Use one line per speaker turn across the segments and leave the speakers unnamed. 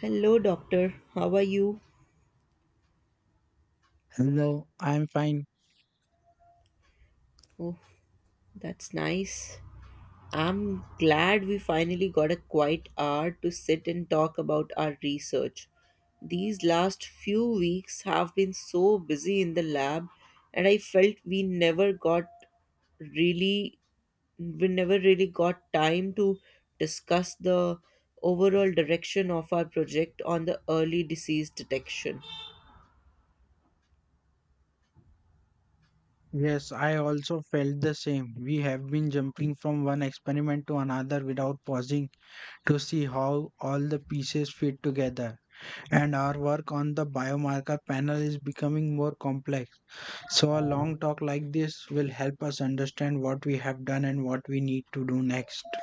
Hello, doctor. How are you?
Hello, I'm fine.
Oh, that's nice. I'm glad we finally got a quiet hour to sit and talk about our research. These last few weeks have been so busy in the lab, and I felt we never got really, we never really got time to discuss the overall direction of our project on the early disease detection.
Yes, I also felt the same. We have been jumping from one experiment to another without pausing to see how all the pieces fit together. And our work on the biomarker panel is becoming more complex. So, a long talk like this will help us understand what we have done and what we need to do next.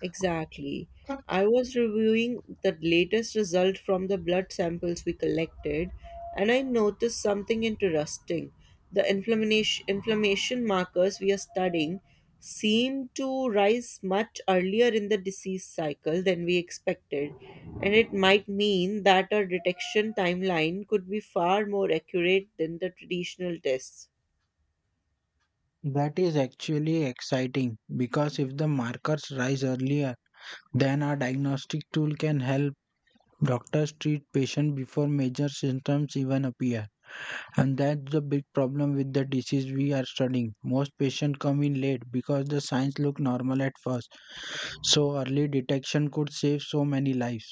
Exactly. I was reviewing the latest result from the blood samples we collected, and I noticed something interesting. The inflammation markers we are studying seem to rise much earlier in the disease cycle than we expected, and it might mean that our detection timeline could be far more accurate than the traditional tests.
That is actually exciting because if the markers rise earlier, then our diagnostic tool can help. Doctors treat patients before major symptoms even appear, and that's the big problem with the disease we are studying. Most patients come in late because the signs look normal at first, so early detection could save so many lives.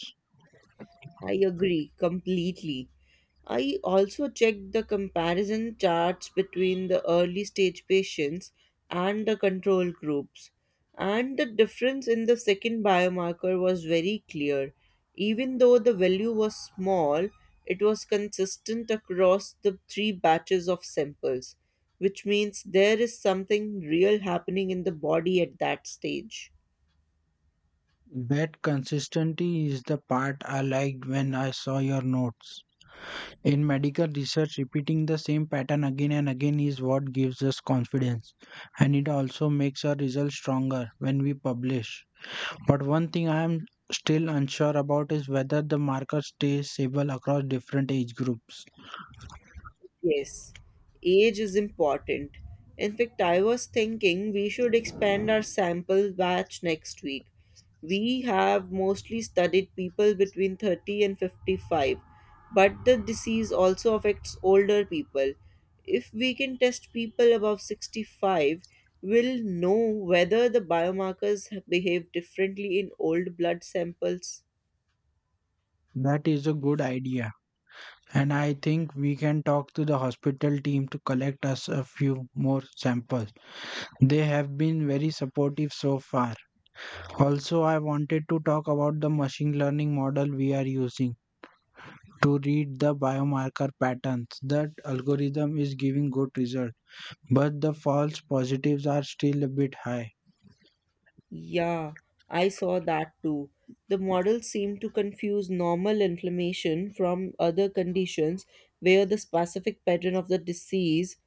I agree completely. I also checked the comparison charts between the early stage patients and the control groups, and the difference in the second biomarker was very clear. Even though the value was small, it was consistent across the three batches of samples, which means there is something real happening in the body at that stage.
That consistency is the part I liked when I saw your notes. In medical research, repeating the same pattern again and again is what gives us confidence, and it also makes our results stronger when we publish. But one thing I am still unsure about is whether the marker stays stable across different age groups.
Yes, age is important. In fact, I was thinking we should expand our sample batch next week. We have mostly studied people between 30 and 55, but the disease also affects older people. If we can test people above 65, we'll know whether the biomarkers behave differently in old blood samples.
That is a good idea, and I think we can talk to the hospital team to collect us a few more samples. They have been very supportive so far. Also, I wanted to talk about the machine learning model we are using to read the biomarker patterns. That algorithm is giving good results, but the false positives are still a bit high.
Yeah, I saw that too. The model seemed to confuse normal inflammation from other conditions where the specific pattern of the disease.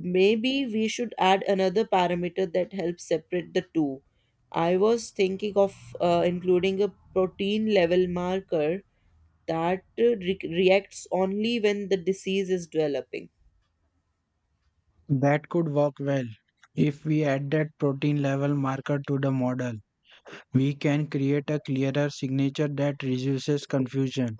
Maybe we should add another parameter that helps separate the two. I was thinking of including a protein level marker that reacts only when the disease is developing.
That could work well. If we add that protein level marker to the model, we can create a clearer signature that reduces confusion.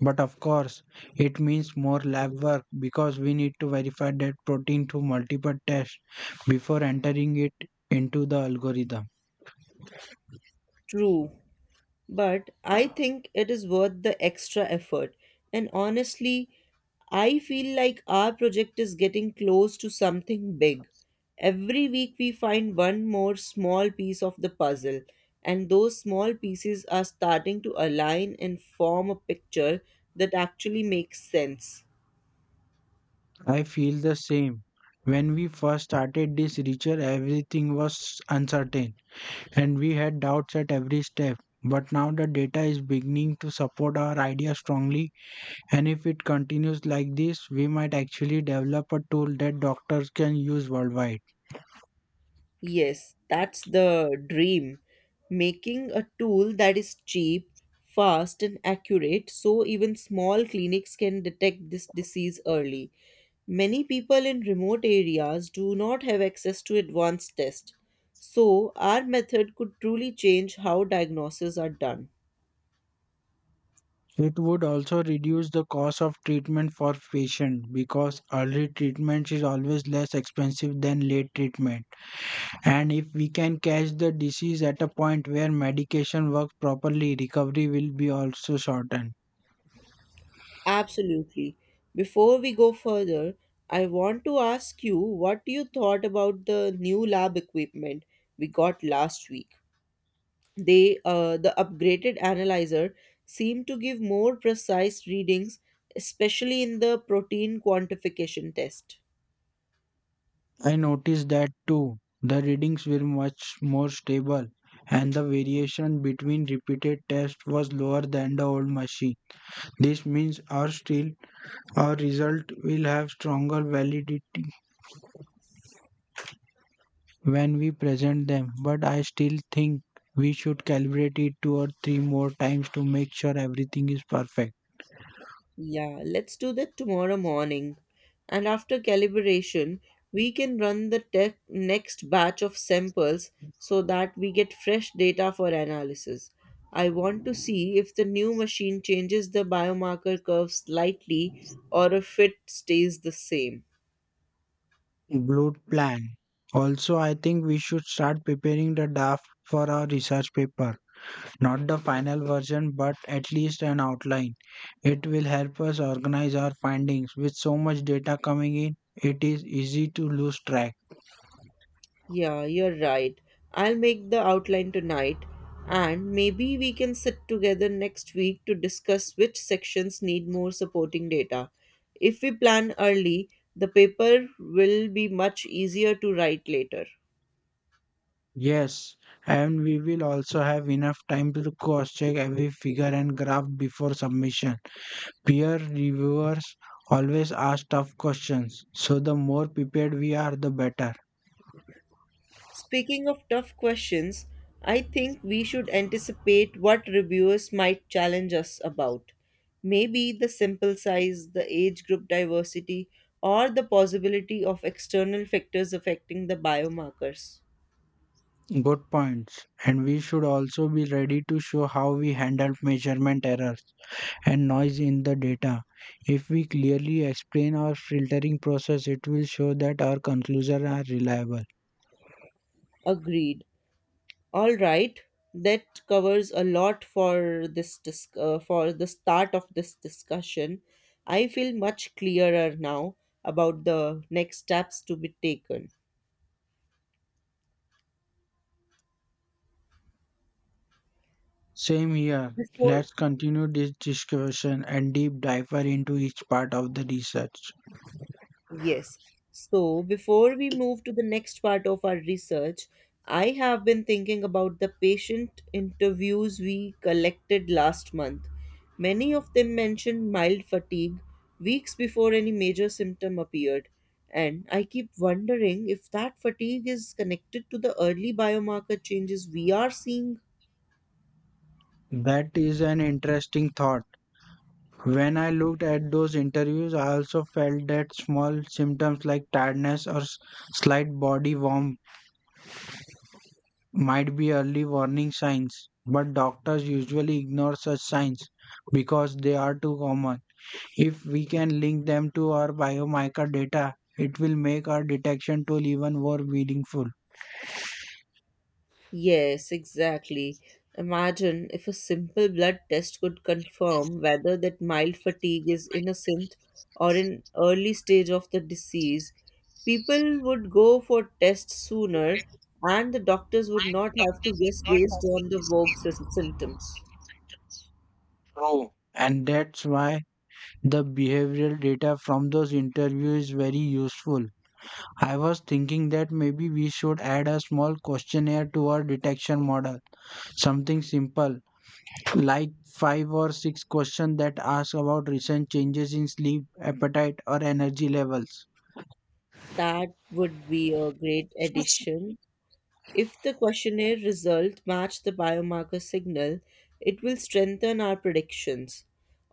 But of course, it means more lab work because we need to verify that protein through multiple tests before entering it into the algorithm.
True. But I think it is worth the extra effort. And honestly, I feel like our project is getting close to something big. Every week we find one more small piece of the puzzle, and those small pieces are starting to align and form a picture that actually makes sense.
I feel the same. When we first started this research, everything was uncertain and we had doubts at every step. But now the data is beginning to support our idea strongly. And if it continues like this, we might actually develop a tool that doctors can use worldwide.
Yes, that's the dream. Making a tool that is cheap, fast, and accurate so even small clinics can detect this disease early. Many people in remote areas do not have access to advanced tests, so our method could truly change how diagnoses are done.
It would also reduce the cost of treatment for patients because early treatment is always less expensive than late treatment. And if we can catch the disease at a point where medication works properly, recovery will be also shortened.
Absolutely. Before we go further, I want to ask you what you thought about the new lab equipment we got last week. The upgraded analyzer seemed to give more precise readings, especially in the protein quantification test.
I noticed that too. The readings were much more stable and the variation between repeated tests was lower than the old machine. This means our result will have stronger validity when we present them, but I still think we should calibrate it two or three more times to make sure everything is perfect.
Yeah, let's do that tomorrow morning, and after calibration we can run the next batch of samples so that we get fresh data for analysis. I want to see if the new machine changes the biomarker curve slightly or if it stays the same.
Good plan. Also, I think we should start preparing the draft for our research paper. Not the final version, but at least an outline. It will help us organize our findings. With so much data coming in, it is easy to lose track.
Yeah, you're right. I'll make the outline tonight, and maybe we can sit together next week to discuss which sections need more supporting data. If we plan early, the paper will be much easier to write later.
Yes, and we will also have enough time to cross check every figure and graph before submission. Peer reviewers always ask tough questions, so the more prepared we are, the better.
Speaking of tough questions, I think we should anticipate what reviewers might challenge us about. Maybe the sample size, the age group diversity, or the possibility of external factors affecting the biomarkers.
Good points. And we should also be ready to show how we handled measurement errors and noise in the data. If we clearly explain our filtering process, it will show that our conclusions are reliable.
Agreed. All right, that covers a lot for for the start of this discussion. I feel much clearer now about the next steps to be taken.
Same here.
Before.
Let's continue this discussion and deep dive into each part of the research.
Yes. So before we move to the next part of our research, I have been thinking about the patient interviews we collected last month. Many of them mentioned mild fatigue weeks before any major symptom appeared. And I keep wondering if that fatigue is connected to the early biomarker changes we are seeing.
That is an interesting thought. When I looked at those interviews, I also felt that small symptoms like tiredness or slight body warmth might be early warning signs, but doctors usually ignore such signs because they are too common. If we can link them to our biomarker data, it will make our detection tool even more meaningful.
Yes, exactly. Imagine if a simple blood test could confirm whether that mild fatigue is innocent or an early stage of the disease. People would go for tests sooner and the doctors would not have to guess based on the vague symptoms.
True. And that's why the behavioral data from those interviews is very useful. I was thinking that maybe we should add a small questionnaire to our detection model. Something simple, like five or six questions that ask about recent changes in sleep, appetite, or energy levels.
That would be a great addition. If the questionnaire result match the biomarker signal, it will strengthen our predictions.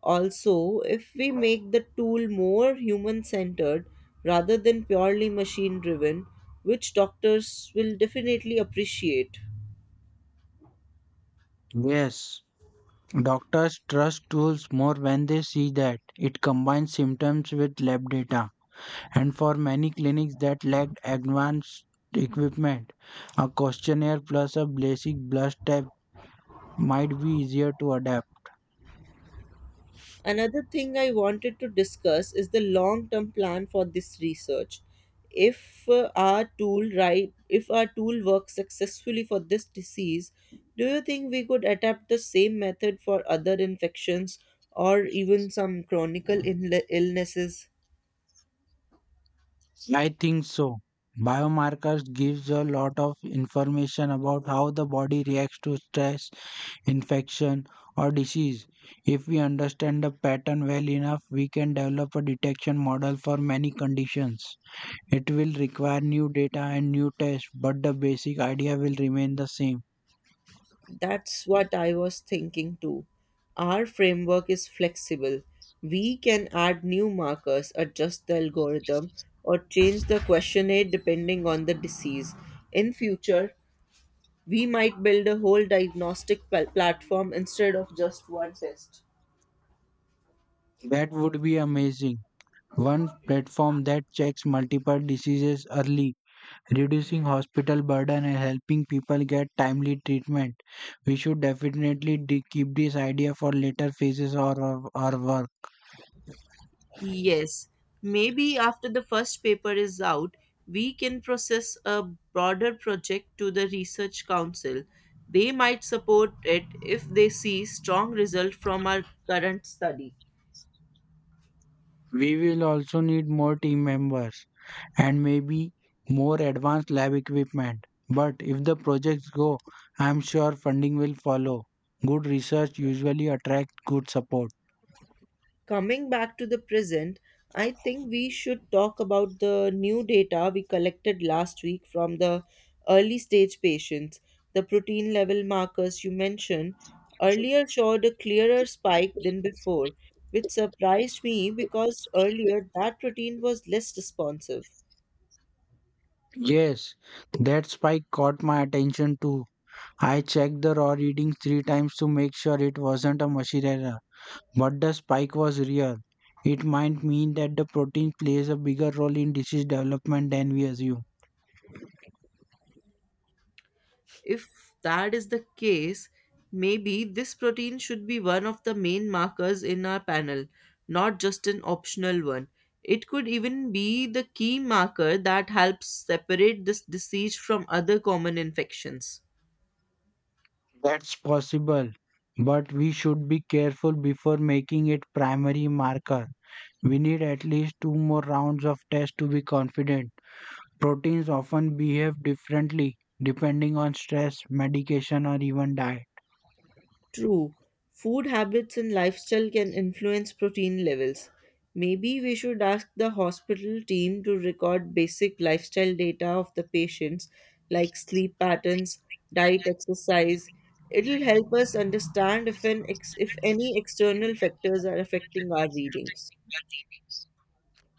Also, if we make the tool more human centered rather than purely machine driven, which doctors will definitely appreciate.
Yes, doctors trust tools more when they see that it combines symptoms with lab data, and for many clinics that lacked advanced equipment, a questionnaire plus a basic blood test might be easier to adapt.
Another thing I wanted to discuss is the long term plan for this research. If our tool works successfully for this disease, do you think we could adapt the same method for other infections or even some chronic illnesses?
I think so. Biomarkers gives a lot of information about how the body reacts to stress, infection or disease. If we understand the pattern well enough, we can develop a detection model for many conditions. It will require new data and new tests, but the basic idea will remain the same.
That's what I was thinking too. Our framework is flexible. We can add new markers, adjust the algorithm, or change the questionnaire depending on the disease. In future, we might build a whole diagnostic platform instead of just one test.
That would be amazing. One platform that checks multiple diseases early, reducing hospital burden and helping people get timely treatment. We should definitely keep this idea for later phases of our work.
Yes, maybe after the first paper is out, we can process a broader project to the research council. They might support it if they see strong result from our current study.
We will also need more team members and maybe more advanced lab equipment. But if the projects go, I'm sure funding will follow. Good research usually attracts good support.
Coming back to the present, I think we should talk about the new data we collected last week from the early stage patients. The protein level markers you mentioned earlier showed a clearer spike than before, which surprised me because earlier that protein was less responsive.
Yes, that spike caught my attention too. I checked the raw reading three times to make sure it wasn't a machine error, but the spike was real. It might mean that the protein plays a bigger role in disease development than we assume.
If that is the case, maybe this protein should be one of the main markers in our panel, not just an optional one. It could even be the key marker that helps separate this disease from other common infections.
That's possible, but we should be careful before making it primary marker. We need at least two more rounds of tests to be confident. Proteins often behave differently depending on stress, medication, or even diet.
True, food habits and lifestyle can influence protein levels. Maybe we should ask the hospital team to record basic lifestyle data of the patients, like sleep patterns, diet, exercise. It'll help us understand if, if any external factors are affecting our readings.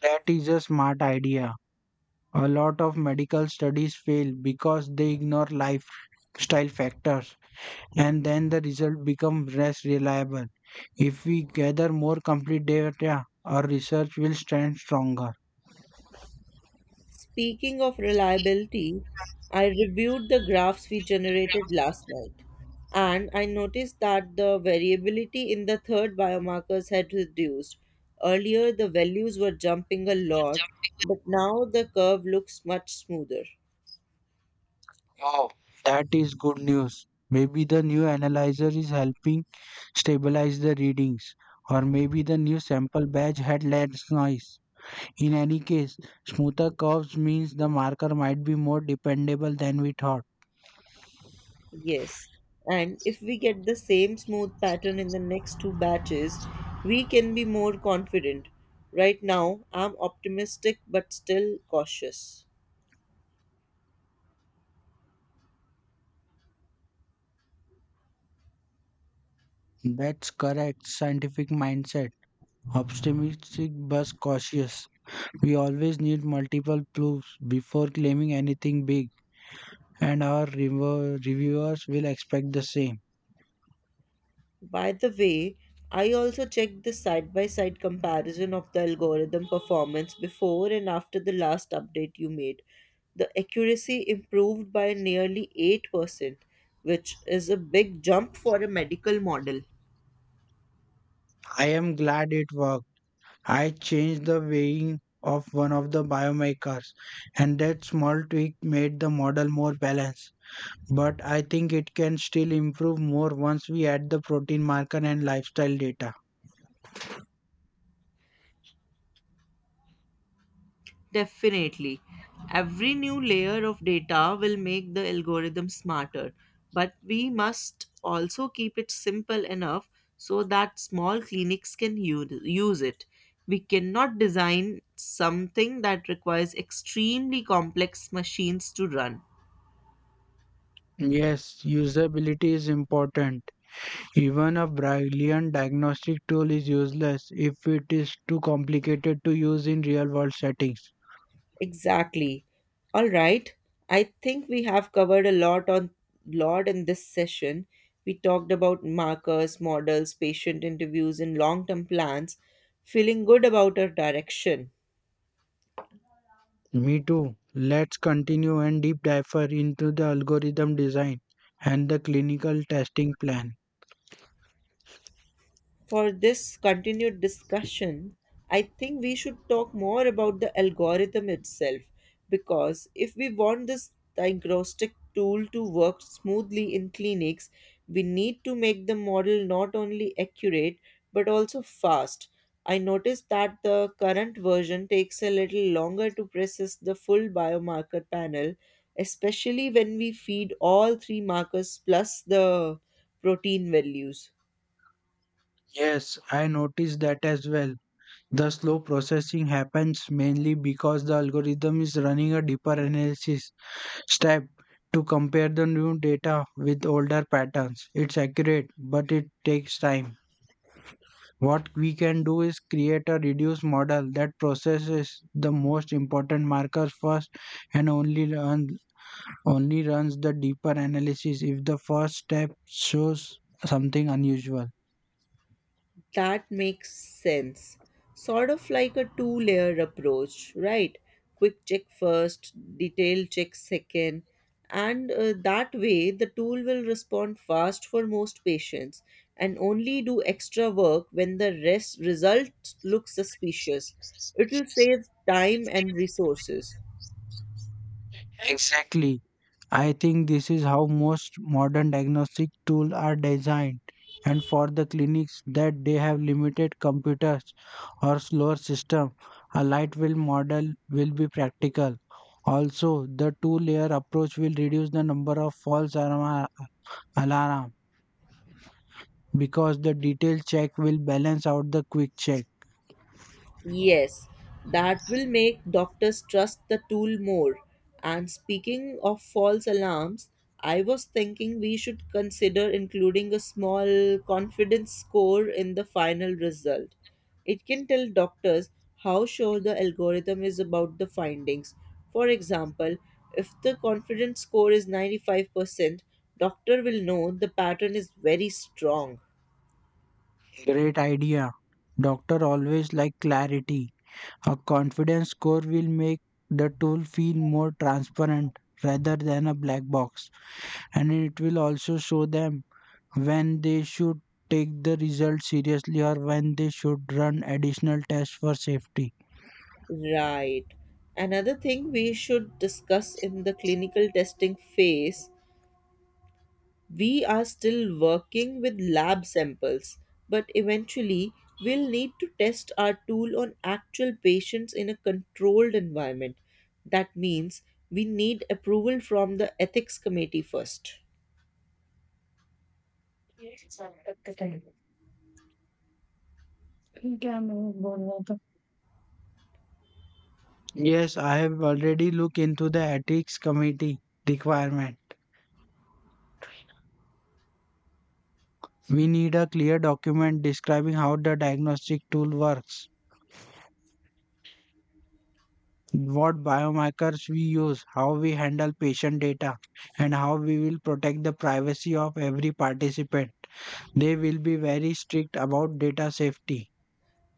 That is a smart idea. A lot of medical studies fail because they ignore lifestyle factors, and then the result becomes less reliable. If we gather more complete data, our research will stand stronger.
Speaking of reliability, I reviewed the graphs we generated last night, and I noticed that the variability in the third biomarkers had reduced. Earlier, the values were jumping a lot, but now the curve looks much smoother.
Wow, that is good news. Maybe the new analyzer is helping stabilize the readings, or maybe the new sample batch had less noise. In any case, smoother curves means the marker might be more dependable than we thought.
Yes, and if we get the same smooth pattern in the next two batches, we can be more confident. Right now, I'm optimistic but still cautious.
That's correct scientific mindset. Optimistic but cautious. We always need multiple proofs before claiming anything big, and our reviewers will expect the same.
By the way, I also checked the side by side comparison of the algorithm performance before and after the last update you made. The accuracy improved by nearly 8%, which is a big jump for a medical model.
I am glad it worked. I changed the weighing of one of the biomarkers, and that small tweak made the model more balanced. But I think it can still improve more once we add the protein marker and lifestyle data.
Definitely. Every new layer of data will make the algorithm smarter, but we must also keep it simple enough so that small clinics can use it. We cannot design something that requires extremely complex machines to run.
Yes, usability is important. Even a brilliant diagnostic tool is useless if it is too complicated to use in real world settings.
Exactly. All right. I think we have covered a lot in this session. We talked about markers, models, patient interviews, and long-term plans, feeling good about our direction.
Me too. Let's continue and deep dive into the algorithm design and the clinical testing plan.
For this continued discussion, I think we should talk more about the algorithm itself because if we want this diagnostic tool to work smoothly in clinics, we need to make the model not only accurate but also fast. I noticed that the current version takes a little longer to process the full biomarker panel, especially when we feed all three markers plus the protein values.
Yes, I noticed that as well. The slow processing happens mainly because the algorithm is running a deeper analysis step to compare the new data with older patterns. It's accurate, but it takes time. What we can do is create a reduced model that processes the most important markers first and only runs the deeper analysis if the first step shows something unusual.
That makes sense. Sort of like a two layer approach, right? Quick check first, detail check second, and that way the tool will respond fast for most patients and only do extra work when the rest result looks suspicious. It will save time and resources.
Exactly. I think this is how most modern diagnostic tools are designed, and for the clinics that they have limited computers or slower system, a light wheel model will be practical. Also, the two-layer approach will reduce the number of false alarm because the detailed check will balance out the quick check.
Yes, that will make doctors trust the tool more. And speaking of false alarms, I was thinking we should consider including a small confidence score in the final result. It can tell doctors how sure the algorithm is about the findings. For example, if the confidence score is 95%, doctor will know the pattern is very strong.
Great idea. Doctor always like clarity. A confidence score will make the tool feel more transparent rather than a black box, and it will also show them when they should take the result seriously or when they should run additional tests for safety.
Right. Another thing we should discuss in the clinical testing phase, we are still working with lab samples, but eventually we'll need to test our tool on actual patients in a controlled environment. That means we need approval from the ethics committee first.
Yes, I have already looked into the ethics committee requirement. We need a clear document describing how the diagnostic tool works, what biomarkers we use, how we handle patient data, and how we will protect the privacy of every participant. They will be very strict about data safety.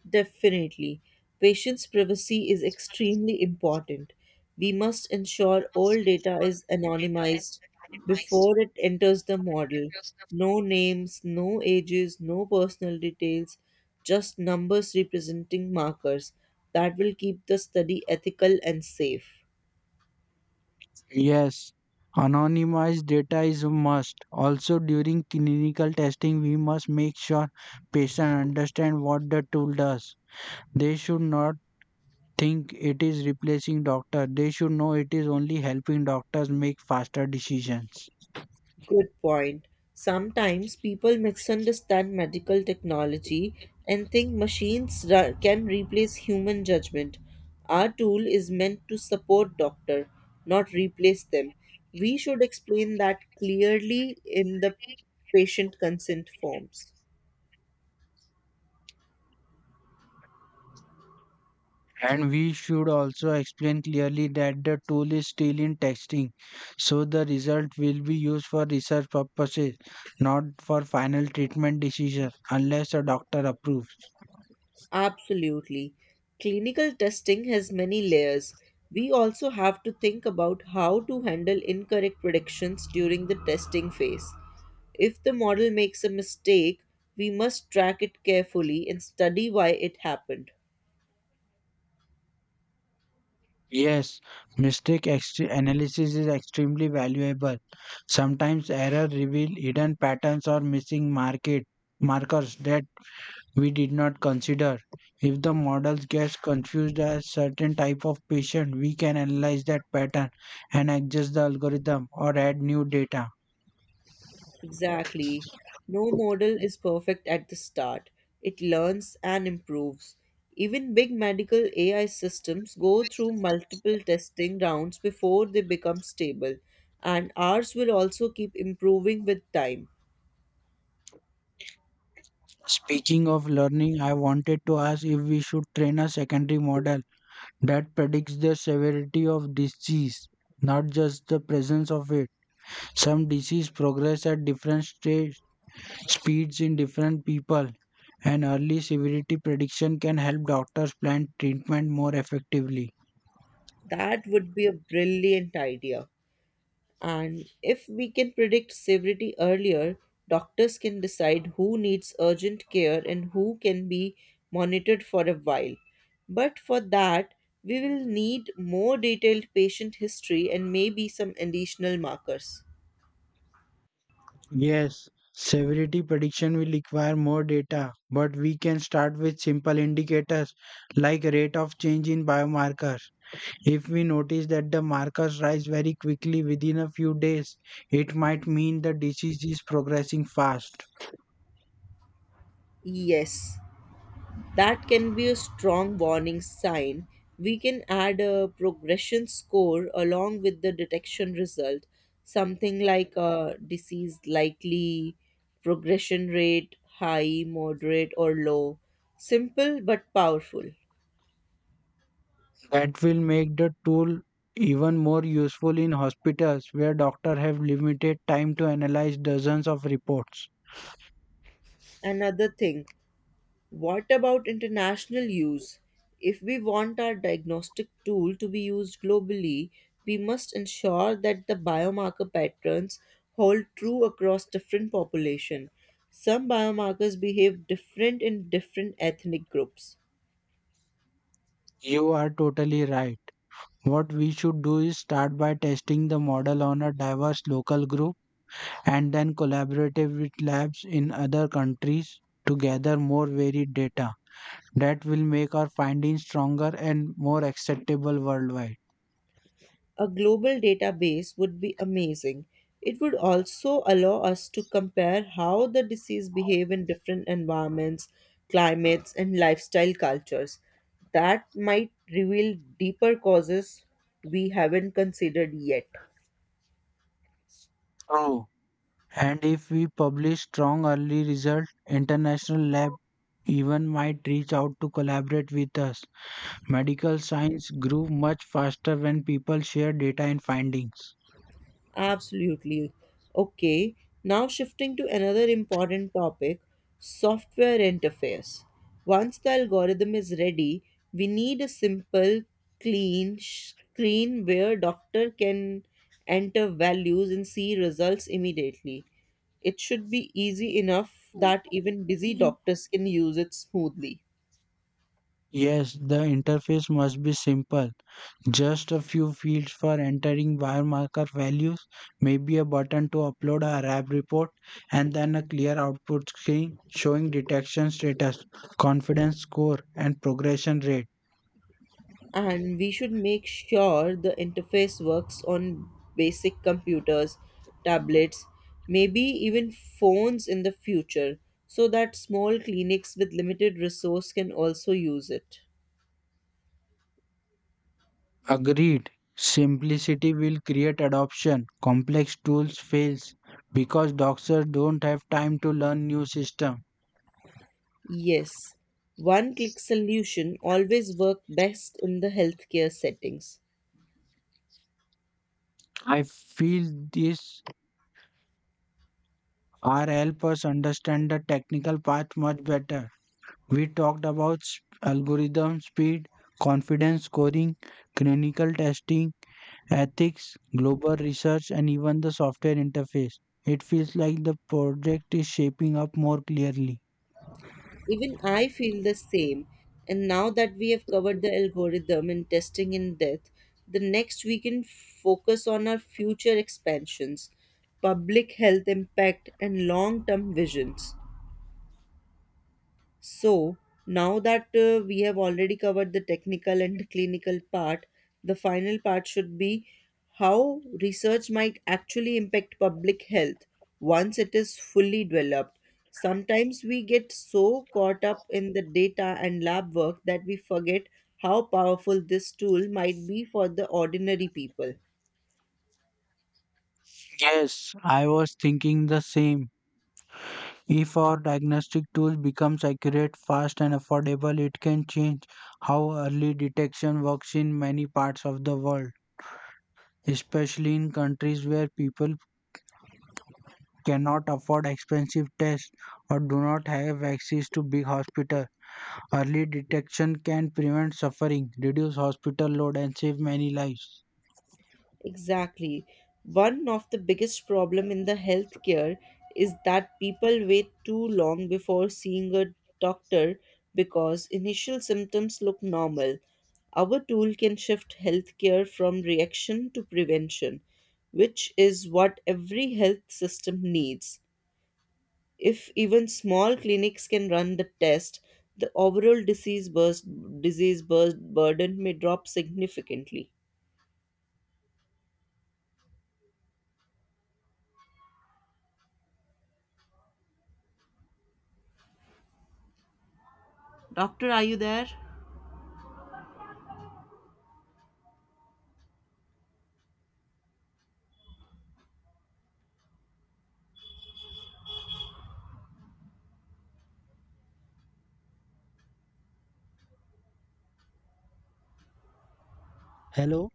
Definitely. Patients' privacy is extremely important. We must ensure all data is anonymized before it enters the model. No names, no ages, no personal details, just numbers representing markers. That will keep the study ethical and safe.
Yes, anonymized data is a must. Also, during clinical testing, we must make sure patient understand what the tool does. They should not think it is replacing doctor. They should know it is only helping doctors make faster decisions.
Good point. Sometimes people misunderstand medical technology and think can replace human judgment. Our tool is meant to support doctor, not replace them. We should explain that clearly in the patient consent forms.
And we should also explain clearly that the tool is still in testing, so the result will be used for research purposes, not for final treatment decision, unless a doctor approves.
Absolutely. Clinical testing has many layers. We also have to think about how to handle incorrect predictions during the testing phase. If the model makes a mistake, we must track it carefully and study why it happened.
Yes, analysis is extremely valuable. Sometimes error reveal hidden patterns or missing market markers that we did not consider. If the model gets confused as certain type of patient, we can analyze that pattern and adjust the algorithm or add new data.
Exactly. No model is perfect at the start. It learns and improves. Even big medical AI systems go through multiple testing rounds before they become stable, and ours will also keep improving with time.
Speaking of learning, I wanted to ask if we should train a secondary model that predicts the severity of disease, not just the presence of it. Some disease progress at different stage, speeds in different people, and early severity prediction can help doctors plan treatment more effectively.
That would be a brilliant idea. And if we can predict severity earlier, doctors can decide who needs urgent care and who can be monitored for a while. But for that, we will need more detailed patient history and maybe some additional markers.
Yes, severity prediction will require more data, but we can start with simple indicators like rate of change in biomarkers. If we notice that the markers rise very quickly within a few days, it might mean the disease is progressing fast.
Yes, that can be a strong warning sign. We can add a progression score along with the detection result, something like a disease likely, progression rate high, moderate, or low. Simple but powerful.
That will make the tool even more useful in hospitals where doctors have limited time to analyze dozens of reports.
Another thing, what about international use? If we want our diagnostic tool to be used globally, we must ensure that the biomarker patterns hold true across different population. Some biomarkers behave different in different ethnic groups.
You are totally right. What we should do is start by testing the model on a diverse local group and then collaborative with labs in other countries to gather more varied data that will make our findings stronger and more acceptable worldwide.
A global database would be amazing. It would also allow us to compare how the disease behave in different environments, climates and lifestyle cultures. That might reveal deeper causes we haven't considered yet.
True. And if we publish strong early results, international lab even might reach out to collaborate with us. Medical science grew much faster when people share data and findings.
Absolutely. Okay, now shifting to another important topic, software interface. Once the algorithm is ready, we need a simple, clean screen where doctor can enter values and see results immediately. It should be easy enough that even busy doctors can use it smoothly.
Yes, the interface must be simple. Just a few fields for entering biomarker values, maybe a button to upload a lab report, and then a clear output screen showing detection status, confidence score, and progression rate.
And we should make sure the interface works on basic computers, tablets, maybe even phones in the future, so that small clinics with limited resource can also use it.
Agreed. Simplicity will create adoption. Complex tools fails because doctors don't have time to learn new system.
Yes, one click solution always work best in the healthcare settings.
I feel this R help us understand the technical part much better. We talked about algorithm speed, confidence scoring, clinical testing, ethics, global research, and even the software interface. It feels like the project is shaping up more clearly.
Even I feel the same. And now that we have covered the algorithm and testing in depth, the next we can focus on our future expansions, public health impact, and long term visions. So, now that we have already covered the technical and clinical part, the final part should be how research might actually impact public health once it is fully developed. Sometimes we get so caught up in the data and lab work that we forget how powerful this tool might be for the ordinary people.
Yes, I was thinking the same. If our diagnostic tool becomes accurate, fast, and affordable, it can change how early detection works in many parts of the world, especially in countries where people cannot afford expensive tests or do not have access to big hospitals. Early detection can prevent suffering, reduce hospital load, and save many lives.
Exactly. One of the biggest problem in the healthcare is that people wait too long before seeing a doctor because initial symptoms look normal. Our tool can shift healthcare from reaction to prevention, which is what every health system needs. If even small clinics can run the test, the overall disease burst burden may drop significantly. Doctor, are you there?
Hello.